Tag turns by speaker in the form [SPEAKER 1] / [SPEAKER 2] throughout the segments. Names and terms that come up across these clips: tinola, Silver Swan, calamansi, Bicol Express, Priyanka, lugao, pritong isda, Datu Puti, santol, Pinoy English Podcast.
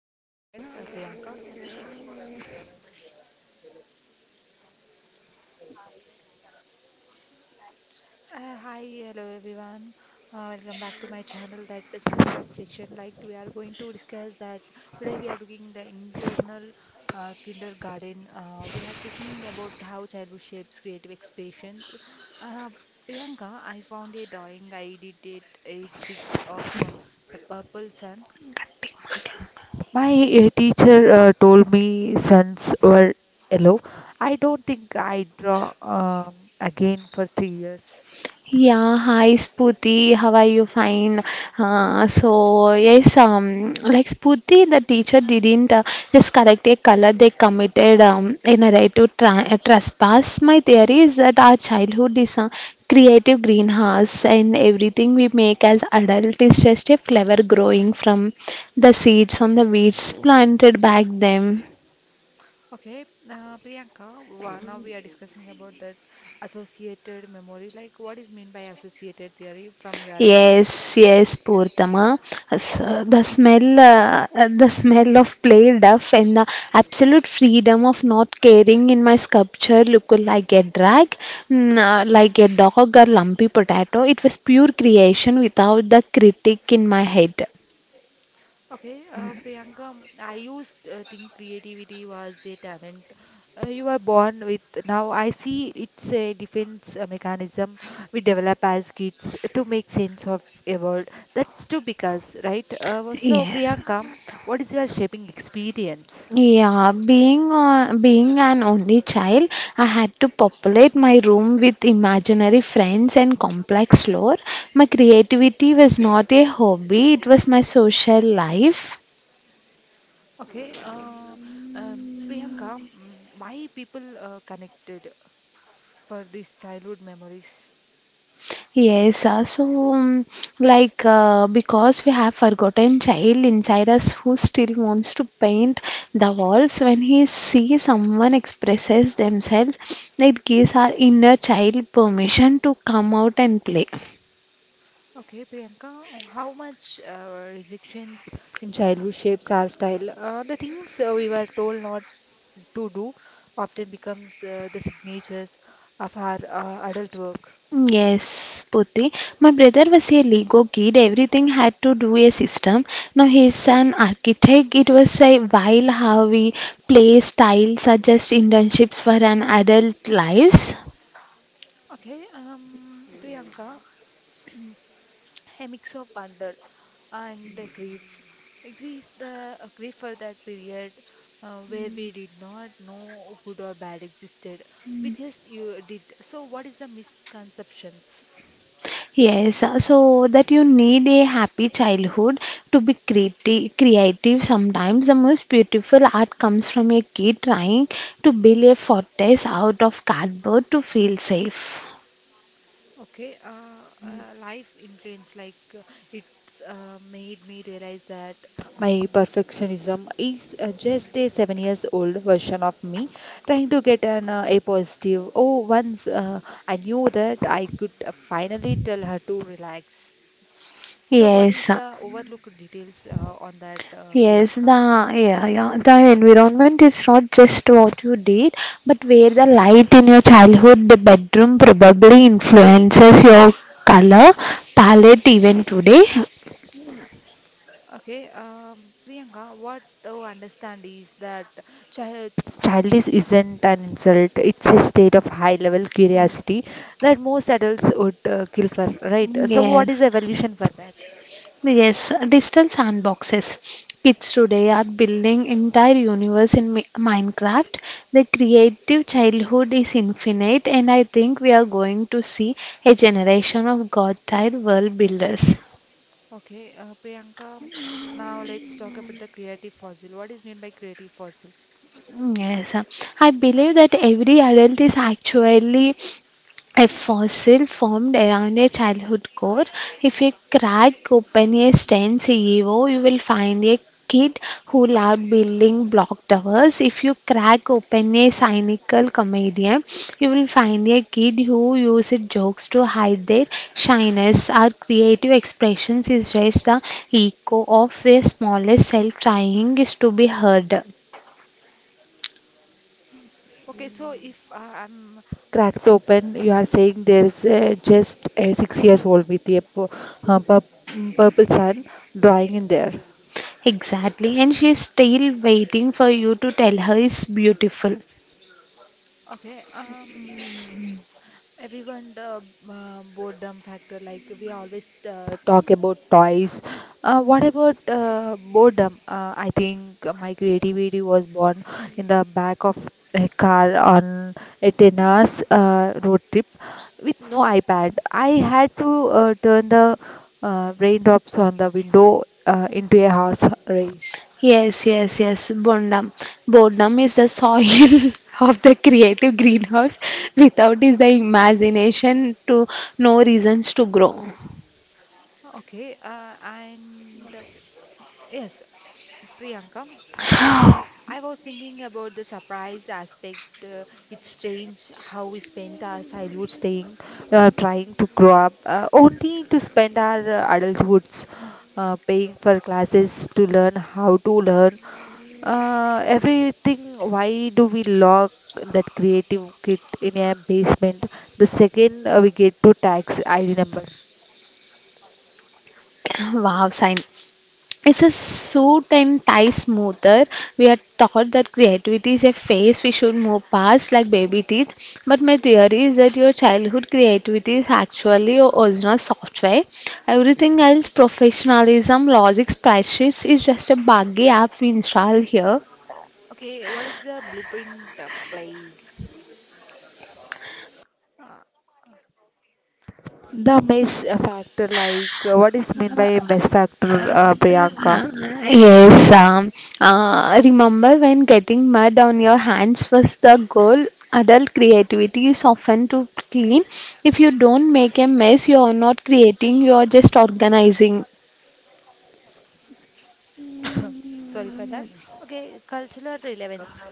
[SPEAKER 1] wait a minute, Priyanka. Hi, hello everyone. Welcome back to my channel, that the sandbox section. Like we are going to discuss that today we are looking the internal kindergarten. We are taking about how childhood shapes creative expressions. Uh, Priyanka, I found a drawing I did at age six of a purple sun. My teacher told me suns were yellow. I don't think I draw again for 3 years.
[SPEAKER 2] Yeah, hi Spooty, how are you? Fine. Like Spooty, the teacher didn't just correct a color; they committed in a right to trespass. My theory is that our childhood is a creative greenhouse, and everything we make as adult is just a flower growing from the seeds on the weeds planted back then.
[SPEAKER 1] Okay, Priyanka, now we are discussing about that associated memory. Like, what is mean by associated theory from your end?
[SPEAKER 2] Yes, yes, Purnima. The smell, the smell of play duff and the absolute freedom of not caring in my sculpture looked like a drag, like a dog or lumpy potato. It was pure creation without the critic in my head.
[SPEAKER 1] Okay, Priyanka, I used think creativity was a talent you are born with. Now I see it's a defense mechanism we develop as kids to make sense of a world. That's true because, right? So
[SPEAKER 2] Yes.
[SPEAKER 1] Priyanka, what is your shaping experience?
[SPEAKER 2] Being an only child, I had to populate my room with imaginary friends and complex lore. My creativity was not a hobby; it was my social life.
[SPEAKER 1] Okay, um, Priyanka, mm, why people connected for these childhood memories?
[SPEAKER 2] Yes, uh, so um, because we have forgotten child inside us who still wants to paint the walls when he sees someone expresses themselves, it gives our inner child permission to come out and play.
[SPEAKER 1] Okay, Priyanka, how much restrictions in childhood shapes our style? The things we were told not to do often becomes the signatures of our adult work.
[SPEAKER 2] Yes, Puti. My brother was a Lego kid. Everything had to do a system. Now he's an architect. It was a while how we play style suggest internships for an adult lives.
[SPEAKER 1] Okay, Priyanka, a mix of wonder and grief. Grief, the grief for that period where we did not know good or bad existed. We just you did. So, what is the misconceptions?
[SPEAKER 2] Yes, so that you need a happy childhood to be creative. Sometimes the most beautiful art comes from a kid trying to build a fortress out of cardboard to feel safe.
[SPEAKER 1] Okay, life influence like it's made me realize that my perfectionism is just a 7 years old version of me trying to get an a positive. Oh, once I knew that I could finally tell her to relax. So, what
[SPEAKER 2] Yes.
[SPEAKER 1] is
[SPEAKER 2] uh,
[SPEAKER 1] the overlooked details on that,
[SPEAKER 2] Yes, the
[SPEAKER 1] Priyanka?
[SPEAKER 2] the environment is not just what you did, but where the light in your childhood bedroom probably influences your color palette even today.
[SPEAKER 1] Okay, Priyanka, what I understand is that child childish isn't an insult. It's a state of high-level curiosity that most adults would kill for, right? So, what is
[SPEAKER 2] Yes,
[SPEAKER 1] evolution for that?
[SPEAKER 2] yes, digital sandboxes. Kids today are building entire universe in Minecraft. The creative childhood is infinite, and I think we are going to see a generation of god tier world builders.
[SPEAKER 1] Okay, Priyanka, now let's talk about the creative fossil. What is meant by creative fossil?
[SPEAKER 2] Mm, Yes, uh, I believe that every adult is actually a fossil formed around a childhood core. If you crack open a STEM CEO, you will find a kid who loved building block towers. If you crack open a cynical comedian, you will find a kid who used jokes to hide their shyness. Our creative expressions is just the echo of a smallest self trying is to be heard.
[SPEAKER 1] Okay, so if I'm cracked open, you are saying there's just a 6 years old with a purple sun drawing in there.
[SPEAKER 2] Exactly, and she's still waiting for you to tell her it's beautiful.
[SPEAKER 1] Okay. Everyone, the boredom factor, like we always talk about toys. What about boredom? I think my creativity was born in the back of a car on a 10 hours road trip with no iPad. I had to turn the raindrops on the window into a horse race.
[SPEAKER 2] Yes, yes, yes, Bondam. Bondam is the soil of the creative greenhouse. Without is the imagination to no reasons to grow.
[SPEAKER 1] Okay, and yes, Priyanka. I was thinking about the surprise aspect. It's strange how we spent our childhood staying, trying to grow up, only to spend our adulthoods paying for classes to learn how to learn everything. Why do we lock that creative kit in a basement the second we get to tax ID number?
[SPEAKER 2] Wow, sign. It's a suit and tie smoother. We are taught that creativity is a phase we should move past like baby teeth. But my theory is that your childhood creativity is actually your original software. Everything else, professionalism, logic, spreadsheets, is just a buggy app we install here.
[SPEAKER 1] Okay, what is the blueprint place? The mess factor, like what is mean by mess factor, Priyanka?
[SPEAKER 2] Uh, Yes, um, Remember when getting mud on your hands was the goal? Adult creativity is often too clean. If you don't make a mess, you are not creating, you are just organizing.
[SPEAKER 1] Sorry for that. Okay, cultural relevance.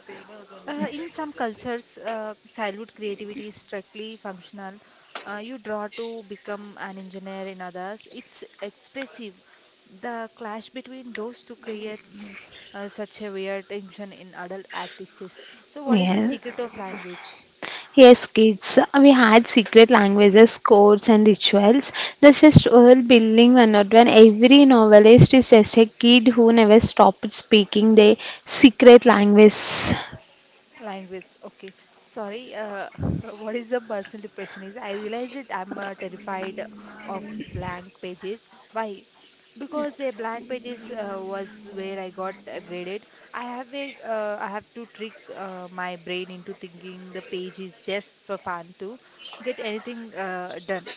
[SPEAKER 1] In some cultures, childhood creativity is strictly functional. You draw to become an engineer, in others, it's expressive. The clash between those two creates such a weird tension in adult artists. So, what is the
[SPEAKER 2] Yes,
[SPEAKER 1] secret of language?
[SPEAKER 2] yes, kids. We had secret languages, codes, and rituals. That's just world building one not one. Every novelist is just a kid who never stopped speaking their secret language.
[SPEAKER 1] Language. Okay. Sorry. What is the personal depression is? I realize it. I'm terrified of blank pages. Why? Because a blank pages was where I got graded. I have to trick my brain into thinking the page is just for fun to get anything done.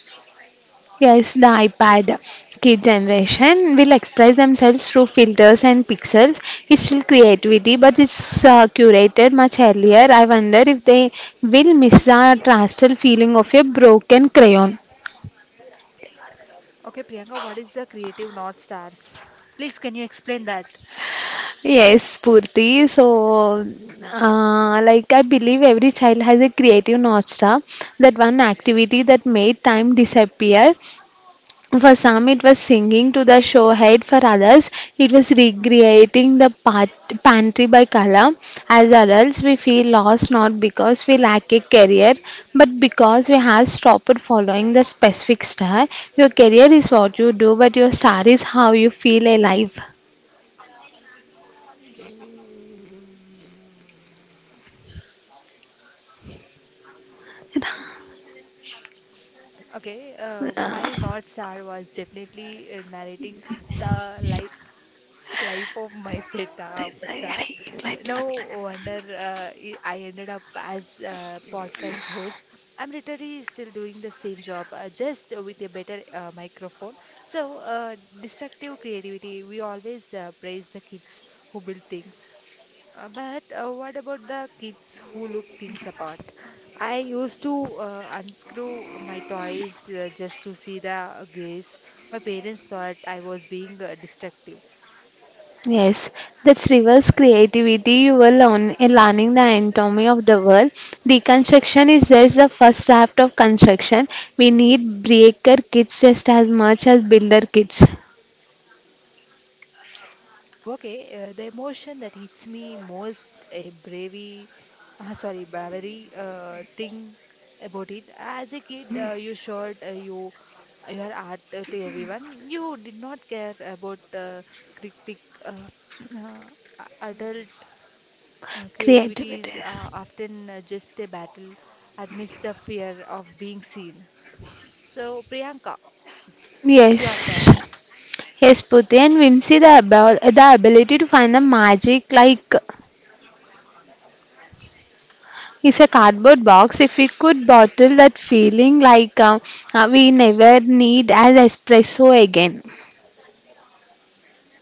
[SPEAKER 2] Yes, the iPad kid generation will express themselves through filters and pixels. It's still creativity, but it's curated much earlier. I wonder if they will miss the trastal feeling of a broken crayon.
[SPEAKER 1] Okay, Priyanka, what is the creative North Stars? Please, can you explain that?
[SPEAKER 2] Yes, Purti. So, like I believe every child has a creative nostra, that one activity that made time disappear. For some, it was singing to the showhead. For others, it was recreating the pantry by color. As adults, we feel lost not because we lack a career, but because we have stopped following the specific star. Your career is what you do, but your star is how you feel alive.
[SPEAKER 1] Okay, my North Star was definitely narrating the life of my pet star. No wonder I ended up as a podcast host. I'm literally still doing the same job, just with a better microphone. So, destructive creativity, we always praise the kids who build things. But what about the kids who look things apart? I used to unscrew my toys just to see the gaze. My parents thought I was being destructive.
[SPEAKER 2] Yes, that's reverse creativity. You learning the anatomy of the world. Deconstruction is just the first draft of construction. We need breaker kids just as much as builder kids.
[SPEAKER 1] Okay, the emotion that hits me most, a bravery, sorry, bravery thing about it. As a kid, you your art to everyone. You did not care about critic, uh, adult creativity is
[SPEAKER 2] Creativity.
[SPEAKER 1] often just a battle against the fear of being seen. So, Priyanka, it's your
[SPEAKER 2] Yes.
[SPEAKER 1] turn.
[SPEAKER 2] Yes, Puti and Vimsi, the ability to find the magic like is a cardboard box. If we could bottle that feeling we never need as espresso again.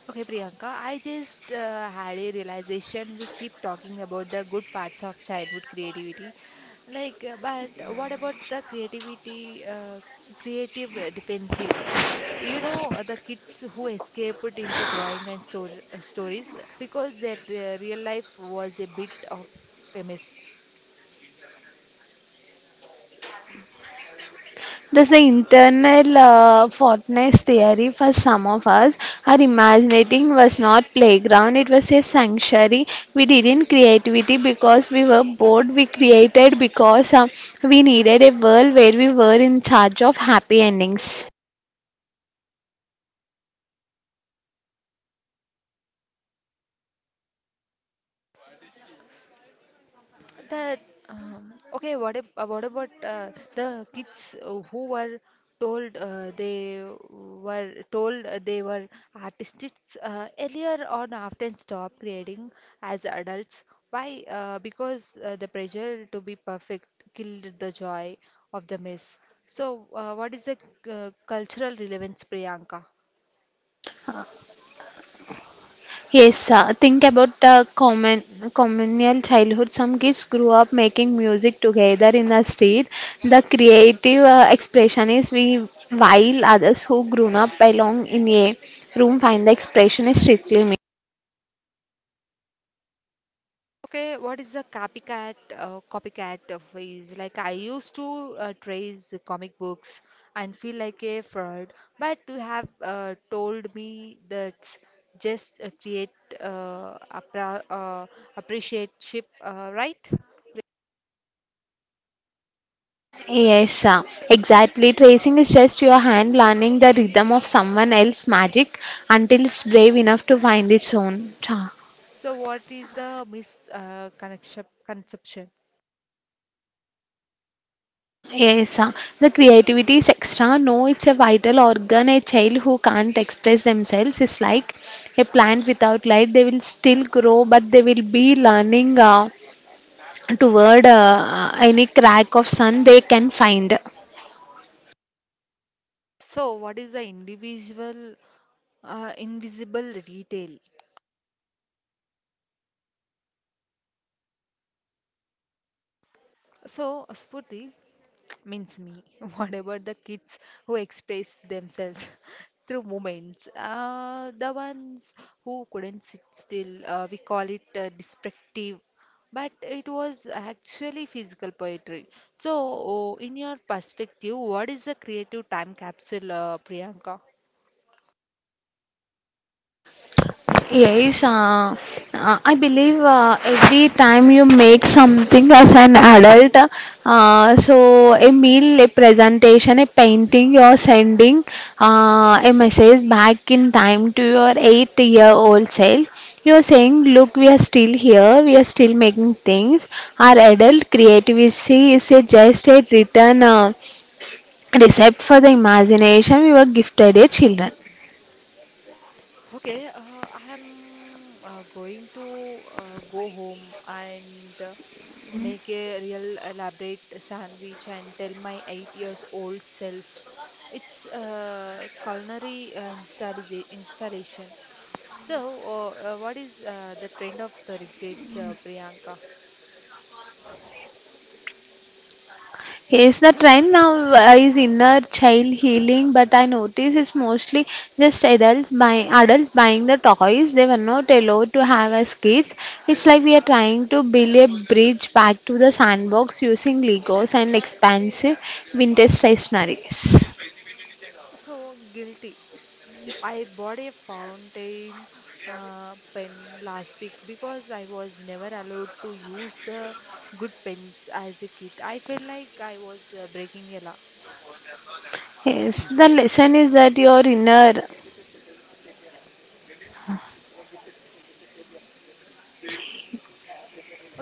[SPEAKER 1] Okay, Priyanka, I just had a realization. We keep talking about the good parts of childhood creativity, like, but what about the creativity, creative defensive? You know, the kids who escaped into drawing and stories because their real life was a bit of a mess.
[SPEAKER 2] There's an internal fortness theory for some of us. Our imagining was not playground; it was a sanctuary. We didn't creativity because we were bored. We created because we needed a world where we were in charge of happy endings.
[SPEAKER 1] That okay. What if, what about the kids who were told they were told they were artists earlier on often stop creating as adults? Why? Because the pressure to be perfect killed the joy of the mess. So, what is the cultural relevance, Priyanka?
[SPEAKER 2] Yes, think about common communal childhood. Some kids grew up making music together in the street. The creative expression is we, while others who grew up alone in a room find the expression is strictly me.
[SPEAKER 1] Okay, what is the copycat copycat of is like I used to trace the comic books and feel like a fraud, but you have told me that just create appra appreciate ship, right?
[SPEAKER 2] Yes, uh, exactly. Tracing is just your hand learning the rhythm of someone else's magic until it's brave enough to find its own. Cha.
[SPEAKER 1] So what is the mis connection conception?
[SPEAKER 2] Yes, uh, the creativity is extra. No, it's a vital organ. A child who can't express themselves is like a plant without light. They will still grow, but they will be learning toward any crack of sun they can find.
[SPEAKER 1] So what is the individual invisible retail? So, Spurti means me. Whatever the kids who express themselves through movements, the ones who couldn't sit still, we call it descriptive, but it was actually physical poetry. So, oh, in your perspective, what is the creative time capsule, Priyanka?
[SPEAKER 2] Yes, uh, I believe every time you make something as an adult, a meal, a presentation, a painting, you're sending a message back in time to your 8-year-old old self. You're saying, Look, we are still here, we are still making things. Our adult creativity is a just a written recipe for the imagination we were gifted as children.
[SPEAKER 1] Okay, I am going to go home and make a real elaborate sandwich and tell my 8 years old self it's culinary installation. So, what is the trend of the regrets, Priyanka?
[SPEAKER 2] Yes, the trend now is inner child healing, but I notice it's mostly just adults buying the toys they were not allowed to have as kids. It's like we are trying to build a bridge back to the sandbox using Legos and expensive vintage stationaries.
[SPEAKER 1] So, guilty. I bought a fountain pen last week because I was never allowed to use the good pens as a kid. I felt like I was breaking a law.
[SPEAKER 2] Yes, the lesson is that your inner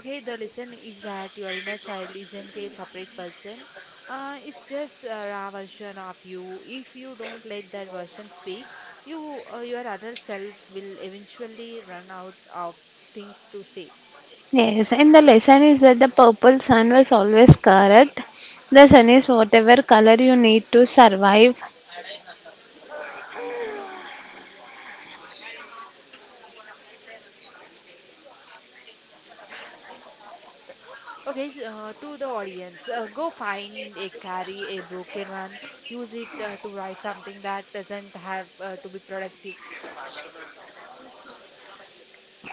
[SPEAKER 1] Okay, the lesson is that your inner child isn't a separate person. It's just a raw version of you. If you don't let that version speak, your adult self will eventually run out of things to say.
[SPEAKER 2] yes, and the lesson is that the purple sun was always correct. The sun is whatever color you need to survive.
[SPEAKER 1] Okay, to the audience, go find a carry, a broken one. Use it to write something that doesn't have to be productive.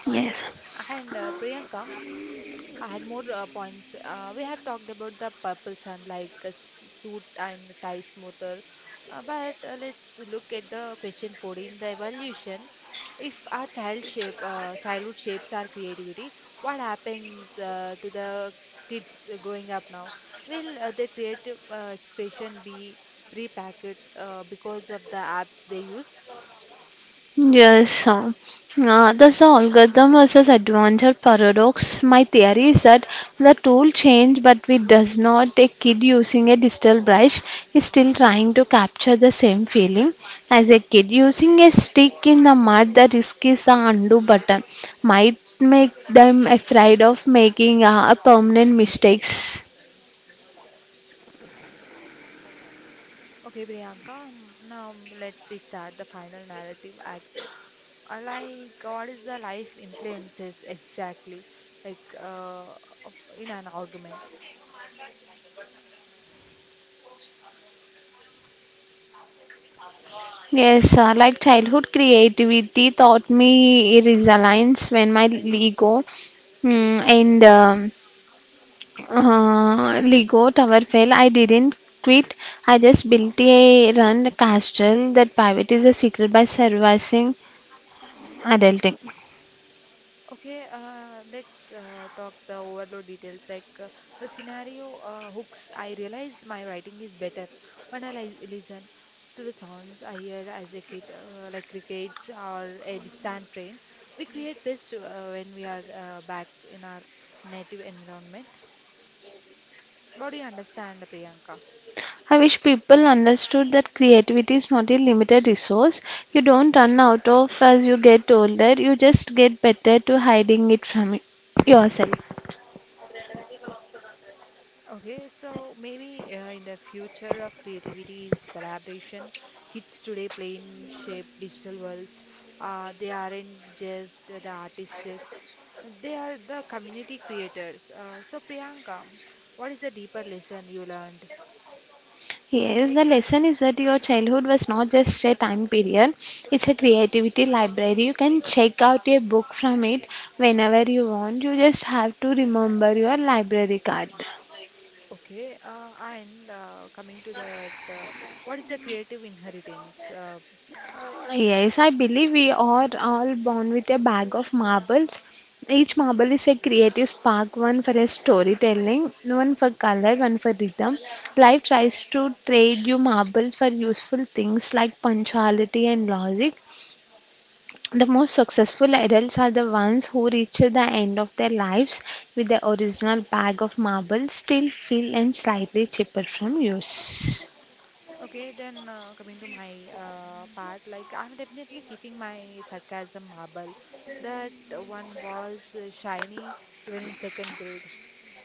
[SPEAKER 2] Yes.
[SPEAKER 1] And Priyanka, I had more points. We have talked about the purple sun, like a suit and tie smoother. But let's look at the question 14, the evolution. If our childhood shapes our creativity, what happens to the kids growing up now? Will their creative expression be pre-packed because of the apps they use?
[SPEAKER 2] Yes, uh, that's the algorithm versus adventure paradox. My theory is that the tool change, but we does not. A kid using a digital brush is still trying to capture the same feeling as a kid using a stick in the mud. The risk is a undo button might make them afraid of making permanent mistakes.
[SPEAKER 1] Okay, Priyanka, now let's restart the final narrative act. Like what is the life influences exactly like of- in an argument.
[SPEAKER 2] Yes, like childhood creativity taught me resilience when my ego mm, and Lego tower fell. I didn't quit. I just built a run castle. That pivot is a secret by surviving adulting.
[SPEAKER 1] Okay, let's talk the overload details like the scenario hooks. I realize my writing is better when I listen to the sounds I hear as a kid, like crickets or a distant train. We create best when we are back in our native environment. What do you understand, Priyanka?
[SPEAKER 2] I wish people understood that creativity is not a limited resource. You don't run out of as you get older. You just get better to hiding it from yourself.
[SPEAKER 1] Okay, so maybe in the future of creativity is collaboration. Kids today play in shape digital worlds. They aren't just the artists, they are the community creators. So, Priyanka, what is the deeper lesson you learned?
[SPEAKER 2] Yes, the lesson is that your childhood was not just a time period, it's a creativity library. You can check out a book from it whenever you want. You just have to remember your library card.
[SPEAKER 1] Okay, and coming to that, what is the creative inheritance?
[SPEAKER 2] Yes, I believe we are all born with a bag of marbles. Each marble is a creative spark, one for a storytelling, one for color, one for rhythm. Life tries to trade you marbles for useful things like punctuality and logic. The most successful adults are the ones who reach the end of their lives with the original bag of marbles still filled and slightly cheaper from use.
[SPEAKER 1] Okay, then coming to my part, like I'm definitely keeping my sarcasm marble. That one was shiny even in second grade.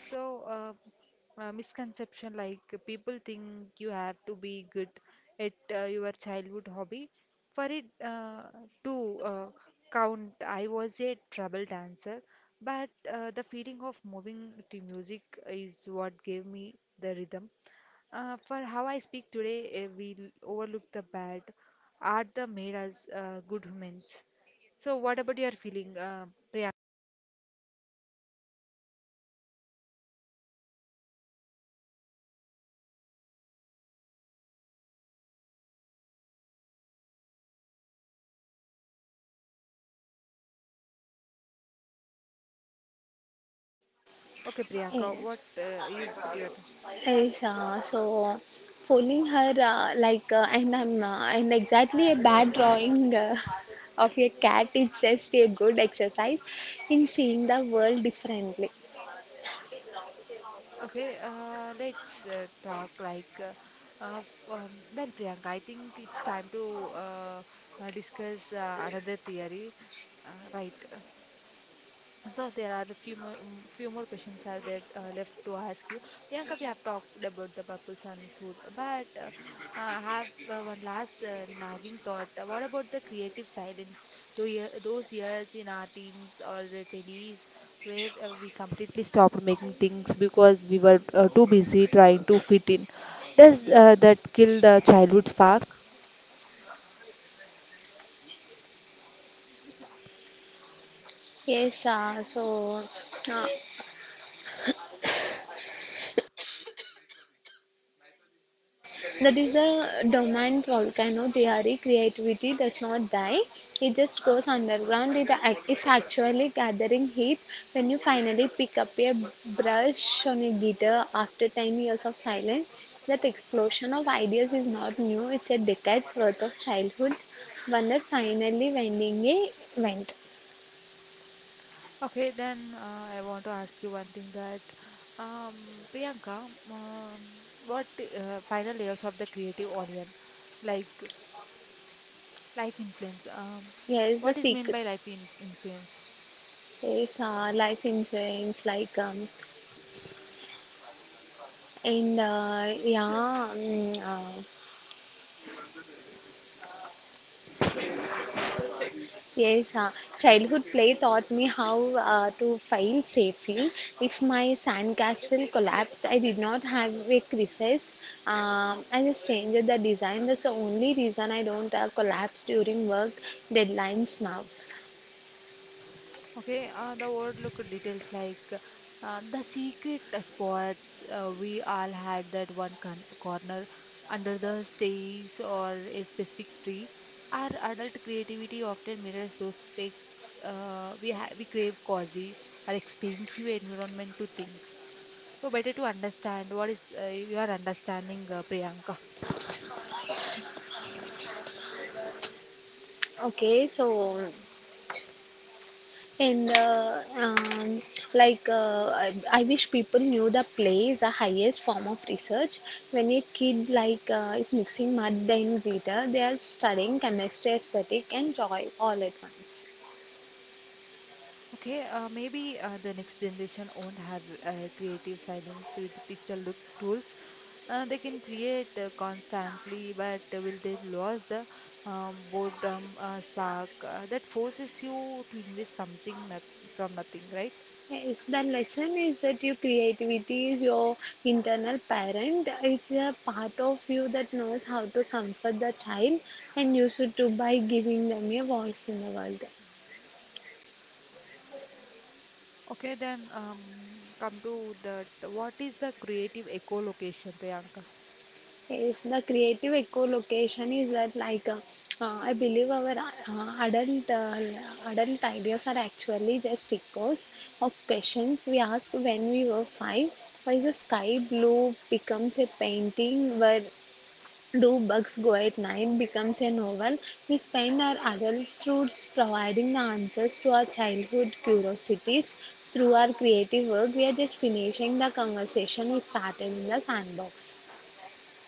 [SPEAKER 1] So, misconception like people think you have to be good at your childhood hobby. For it to count, I was a trouble dancer, but the feeling of moving to music is what gave me the rhythm. For how I speak today, we overlook the bad. Art that made us good humans. So, what about your feeling, Priyanka? Okay, Priyanka,
[SPEAKER 2] Yes,
[SPEAKER 1] what you put your
[SPEAKER 2] yes. So following her, like, and I'm, and exactly a bad drawing of a cat is just a good exercise in seeing the world differently.
[SPEAKER 1] okay? Let's talk like well, Priyanka. I think it's time to discuss another theory, right? So there are a few more, few more questions are there left to ask you. Priyanka, we have talked about the purple sun suit, but I have one last nagging thought. What about the creative silence? Those years in our teens or twenties where we completely stopped making things because we were too busy trying to fit in. Does that kill the childhood spark?
[SPEAKER 2] Yes, uh, so uh, That is a dormant volcano theory. Creativity does not die, it just goes underground. It's actually gathering heat when you finally pick up a brush on a guitar after 10 years of silence. That explosion of ideas is not new, it's a decade's worth of childhood. Wonder finally winding a vent.
[SPEAKER 1] Okay, then I want to ask you one thing that Priyanka, what final layers of the creative onion, like life influence.
[SPEAKER 2] Here is the
[SPEAKER 1] What is
[SPEAKER 2] secret.
[SPEAKER 1] meant by life in influence?
[SPEAKER 2] Is life insurance like and yeah Yes, childhood play taught me how to file safely. If my sandcastle collapsed, I did not have a recess. I just changed the design. That's the only reason I don't collapse during work deadlines now.
[SPEAKER 1] Okay, the overlook details like the secret spots. We all had that one con corner under the stairs or a specific tree. Our adult creativity often mirrors those specs we crave cozy or expensive environment to think. So better to understand what is you are understanding, Priyanka.
[SPEAKER 2] Okay, so. And like I wish people knew that play is the highest form of research. When a kid is mixing mud and glitter, they are studying chemistry, aesthetic, and joy all at once.
[SPEAKER 1] Okay, maybe the next generation won't have creative silence with digital look tools. They can create constantly, but will they lose the boredom spark that forces you to invest something not from nothing, right?
[SPEAKER 2] Yes, the lesson is that your creativity is your internal parent. It's a part of you that knows how to comfort the child, and you should do by giving them a voice in the world.
[SPEAKER 1] Okay, then come to that. What is the creative echolocation, Priyanka?
[SPEAKER 2] Yes, the creative echolocation is that like I believe our adult adult ideas are actually just echoes of questions we asked when we were five. Why the sky blue becomes a painting? Where do bugs go at night becomes a novel. We spend our adult adulthood providing the answers to our childhood curiosities through our creative work. We are just finishing the conversation we started in the sandbox.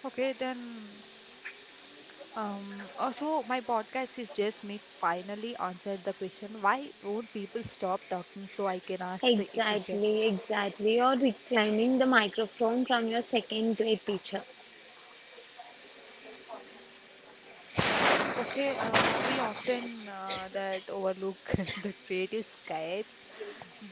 [SPEAKER 1] Okay, then also, my podcast is just me finally answered the question why won't people stop talking so I can ask the question.
[SPEAKER 2] Exactly, exactly. You're reclaiming the microphone from your second grade teacher.
[SPEAKER 1] Okay, we often that overlook the creative escapes,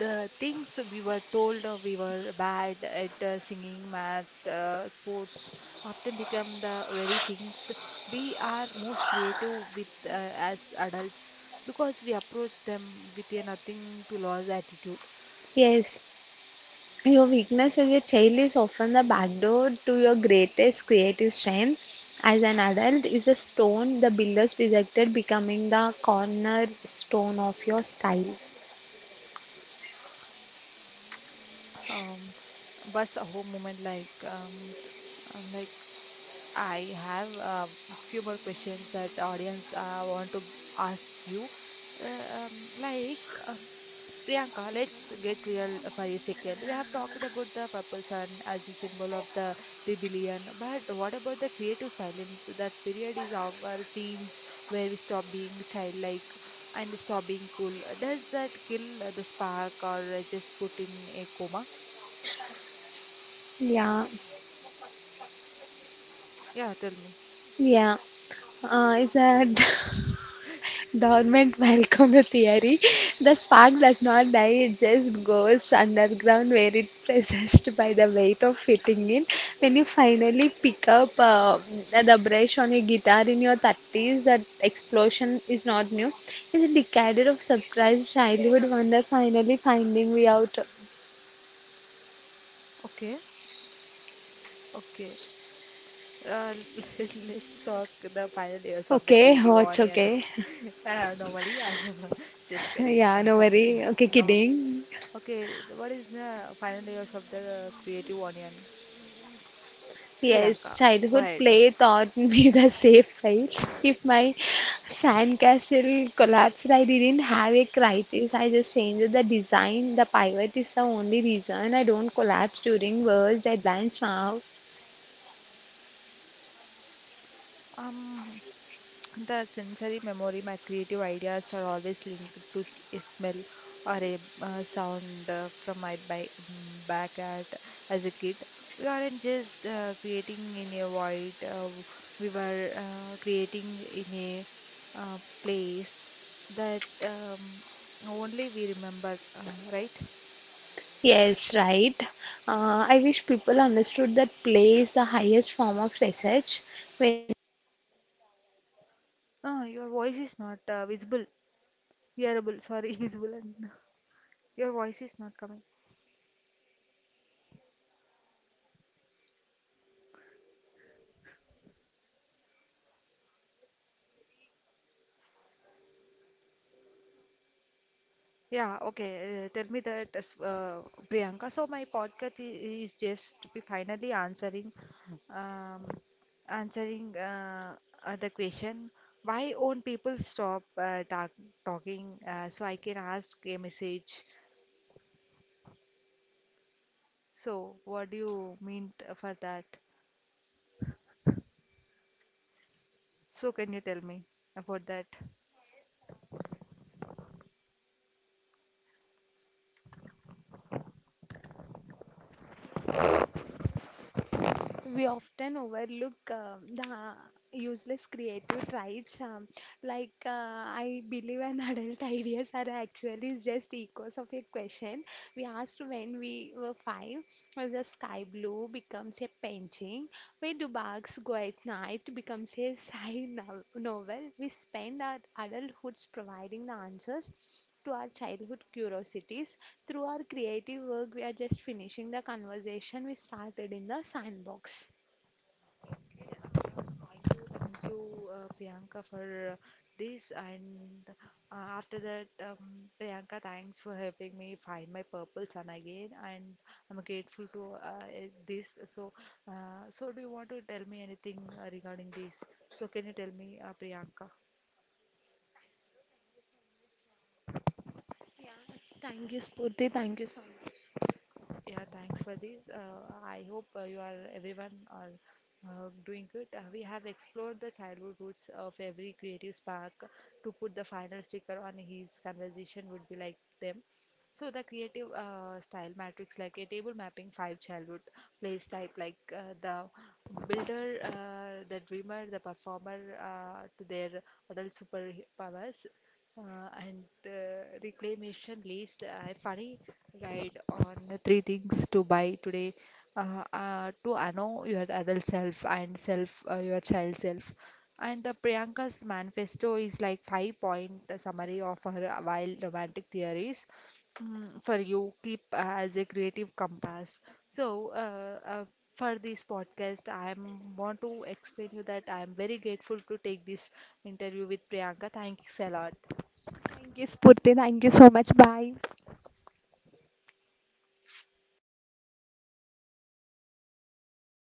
[SPEAKER 1] the things we were told we were bad at singing, math, sports often become the very things we are most creative with as adults because we approach them with a nothing to lose attitude.
[SPEAKER 2] Yes, your weakness as a child is often the backdoor to your greatest creative strength. As an adult, is a stone the builders rejected, becoming the cornerstone of your style.
[SPEAKER 1] Um, bus a अहो moment like I have a few more questions that audience want to ask you. Like um Priyanka, let's get real for a second. We have talked about the purple sun as a symbol of the rebellion, but what about the creative silence? That period is our teens where we stop being childlike and stop being cool. Does that kill the spark or just put in a coma?
[SPEAKER 2] Yeah,
[SPEAKER 1] Yeah, tell me.
[SPEAKER 2] yeah. Is that Dormant volcano theory. The spark does not die, it just goes underground where it processed by the weight of fitting in. When you finally pick up the brush on your guitar in your 30s, that explosion is not new. It's a decade of surprised childhood wonder finally finding we out.
[SPEAKER 1] Okay, okay. Uh, let's talk the final years of the
[SPEAKER 2] Okay,
[SPEAKER 1] creative
[SPEAKER 2] what's
[SPEAKER 1] onion.
[SPEAKER 2] okay?
[SPEAKER 1] Normally, I'm just getting
[SPEAKER 2] Yeah, no
[SPEAKER 1] some.
[SPEAKER 2] worry. Okay,
[SPEAKER 1] No.
[SPEAKER 2] kidding.
[SPEAKER 1] Okay, what is the final years of the creative onion?
[SPEAKER 2] Yes,
[SPEAKER 1] Priyanka,
[SPEAKER 2] childhood
[SPEAKER 1] go ahead.
[SPEAKER 2] play taught me the safe way. If my sandcastle collapsed, I didn't have a crisis. I just changed the design. The pivot is the only reason I don't collapse during work deadlines now.
[SPEAKER 1] Um, The sensory memory, my creative ideas are always linked to a smell or a sound from my back at as a kid. We aren't just creating in a void, we were creating in a place that only we remember, right?
[SPEAKER 2] Yes, right. I wish people understood that play is the highest form of research. When
[SPEAKER 1] No, your voice is not visible, hearable, sorry, visible. And your voice is not coming. Yeah, okay. Tell me that, Priyanka. So my podcast is just to be finally answering, um, answering the question, why won't people stop talking? So I can ask a message. So what do you mean for that? So can you tell me about that? We often overlook the useless creative traits. Like, I believe an adult ideas are actually just echoes of a question we asked when we were five. As the sky blue becomes a painting, where do bugs go at night becomes a side novel. We spend our adulthoods providing the answers to our childhood curiosities. Through our creative work, we are just finishing the conversation we started in the sandbox. Thank you, Priyanka, for this. And after that, Priyanka, thanks for helping me find my purple sun again. And I'm grateful to this. So, so do you want to tell me anything regarding this? So, can you tell me, Priyanka? Yeah, thank you, Spurti. Thank you so much. Yeah, thanks for this. I hope you are everyone are doing good. We have explored the childhood roots of every creative spark. To put the final sticker on his conversation would be like them. So the creative style matrix, like a table mapping five childhood place type, like the builder, the dreamer, the performer, to their adult superpowers, and reclamation list. I funny guide on the three things to buy today to know your adult self and self your child self. And the Priyanka's manifesto is like five point summary of her wild romantic theories mm, for you keep as a creative compass. So for this podcast, I am want to explain you that I am very grateful to take this interview with Priyanka. Thanks a lot.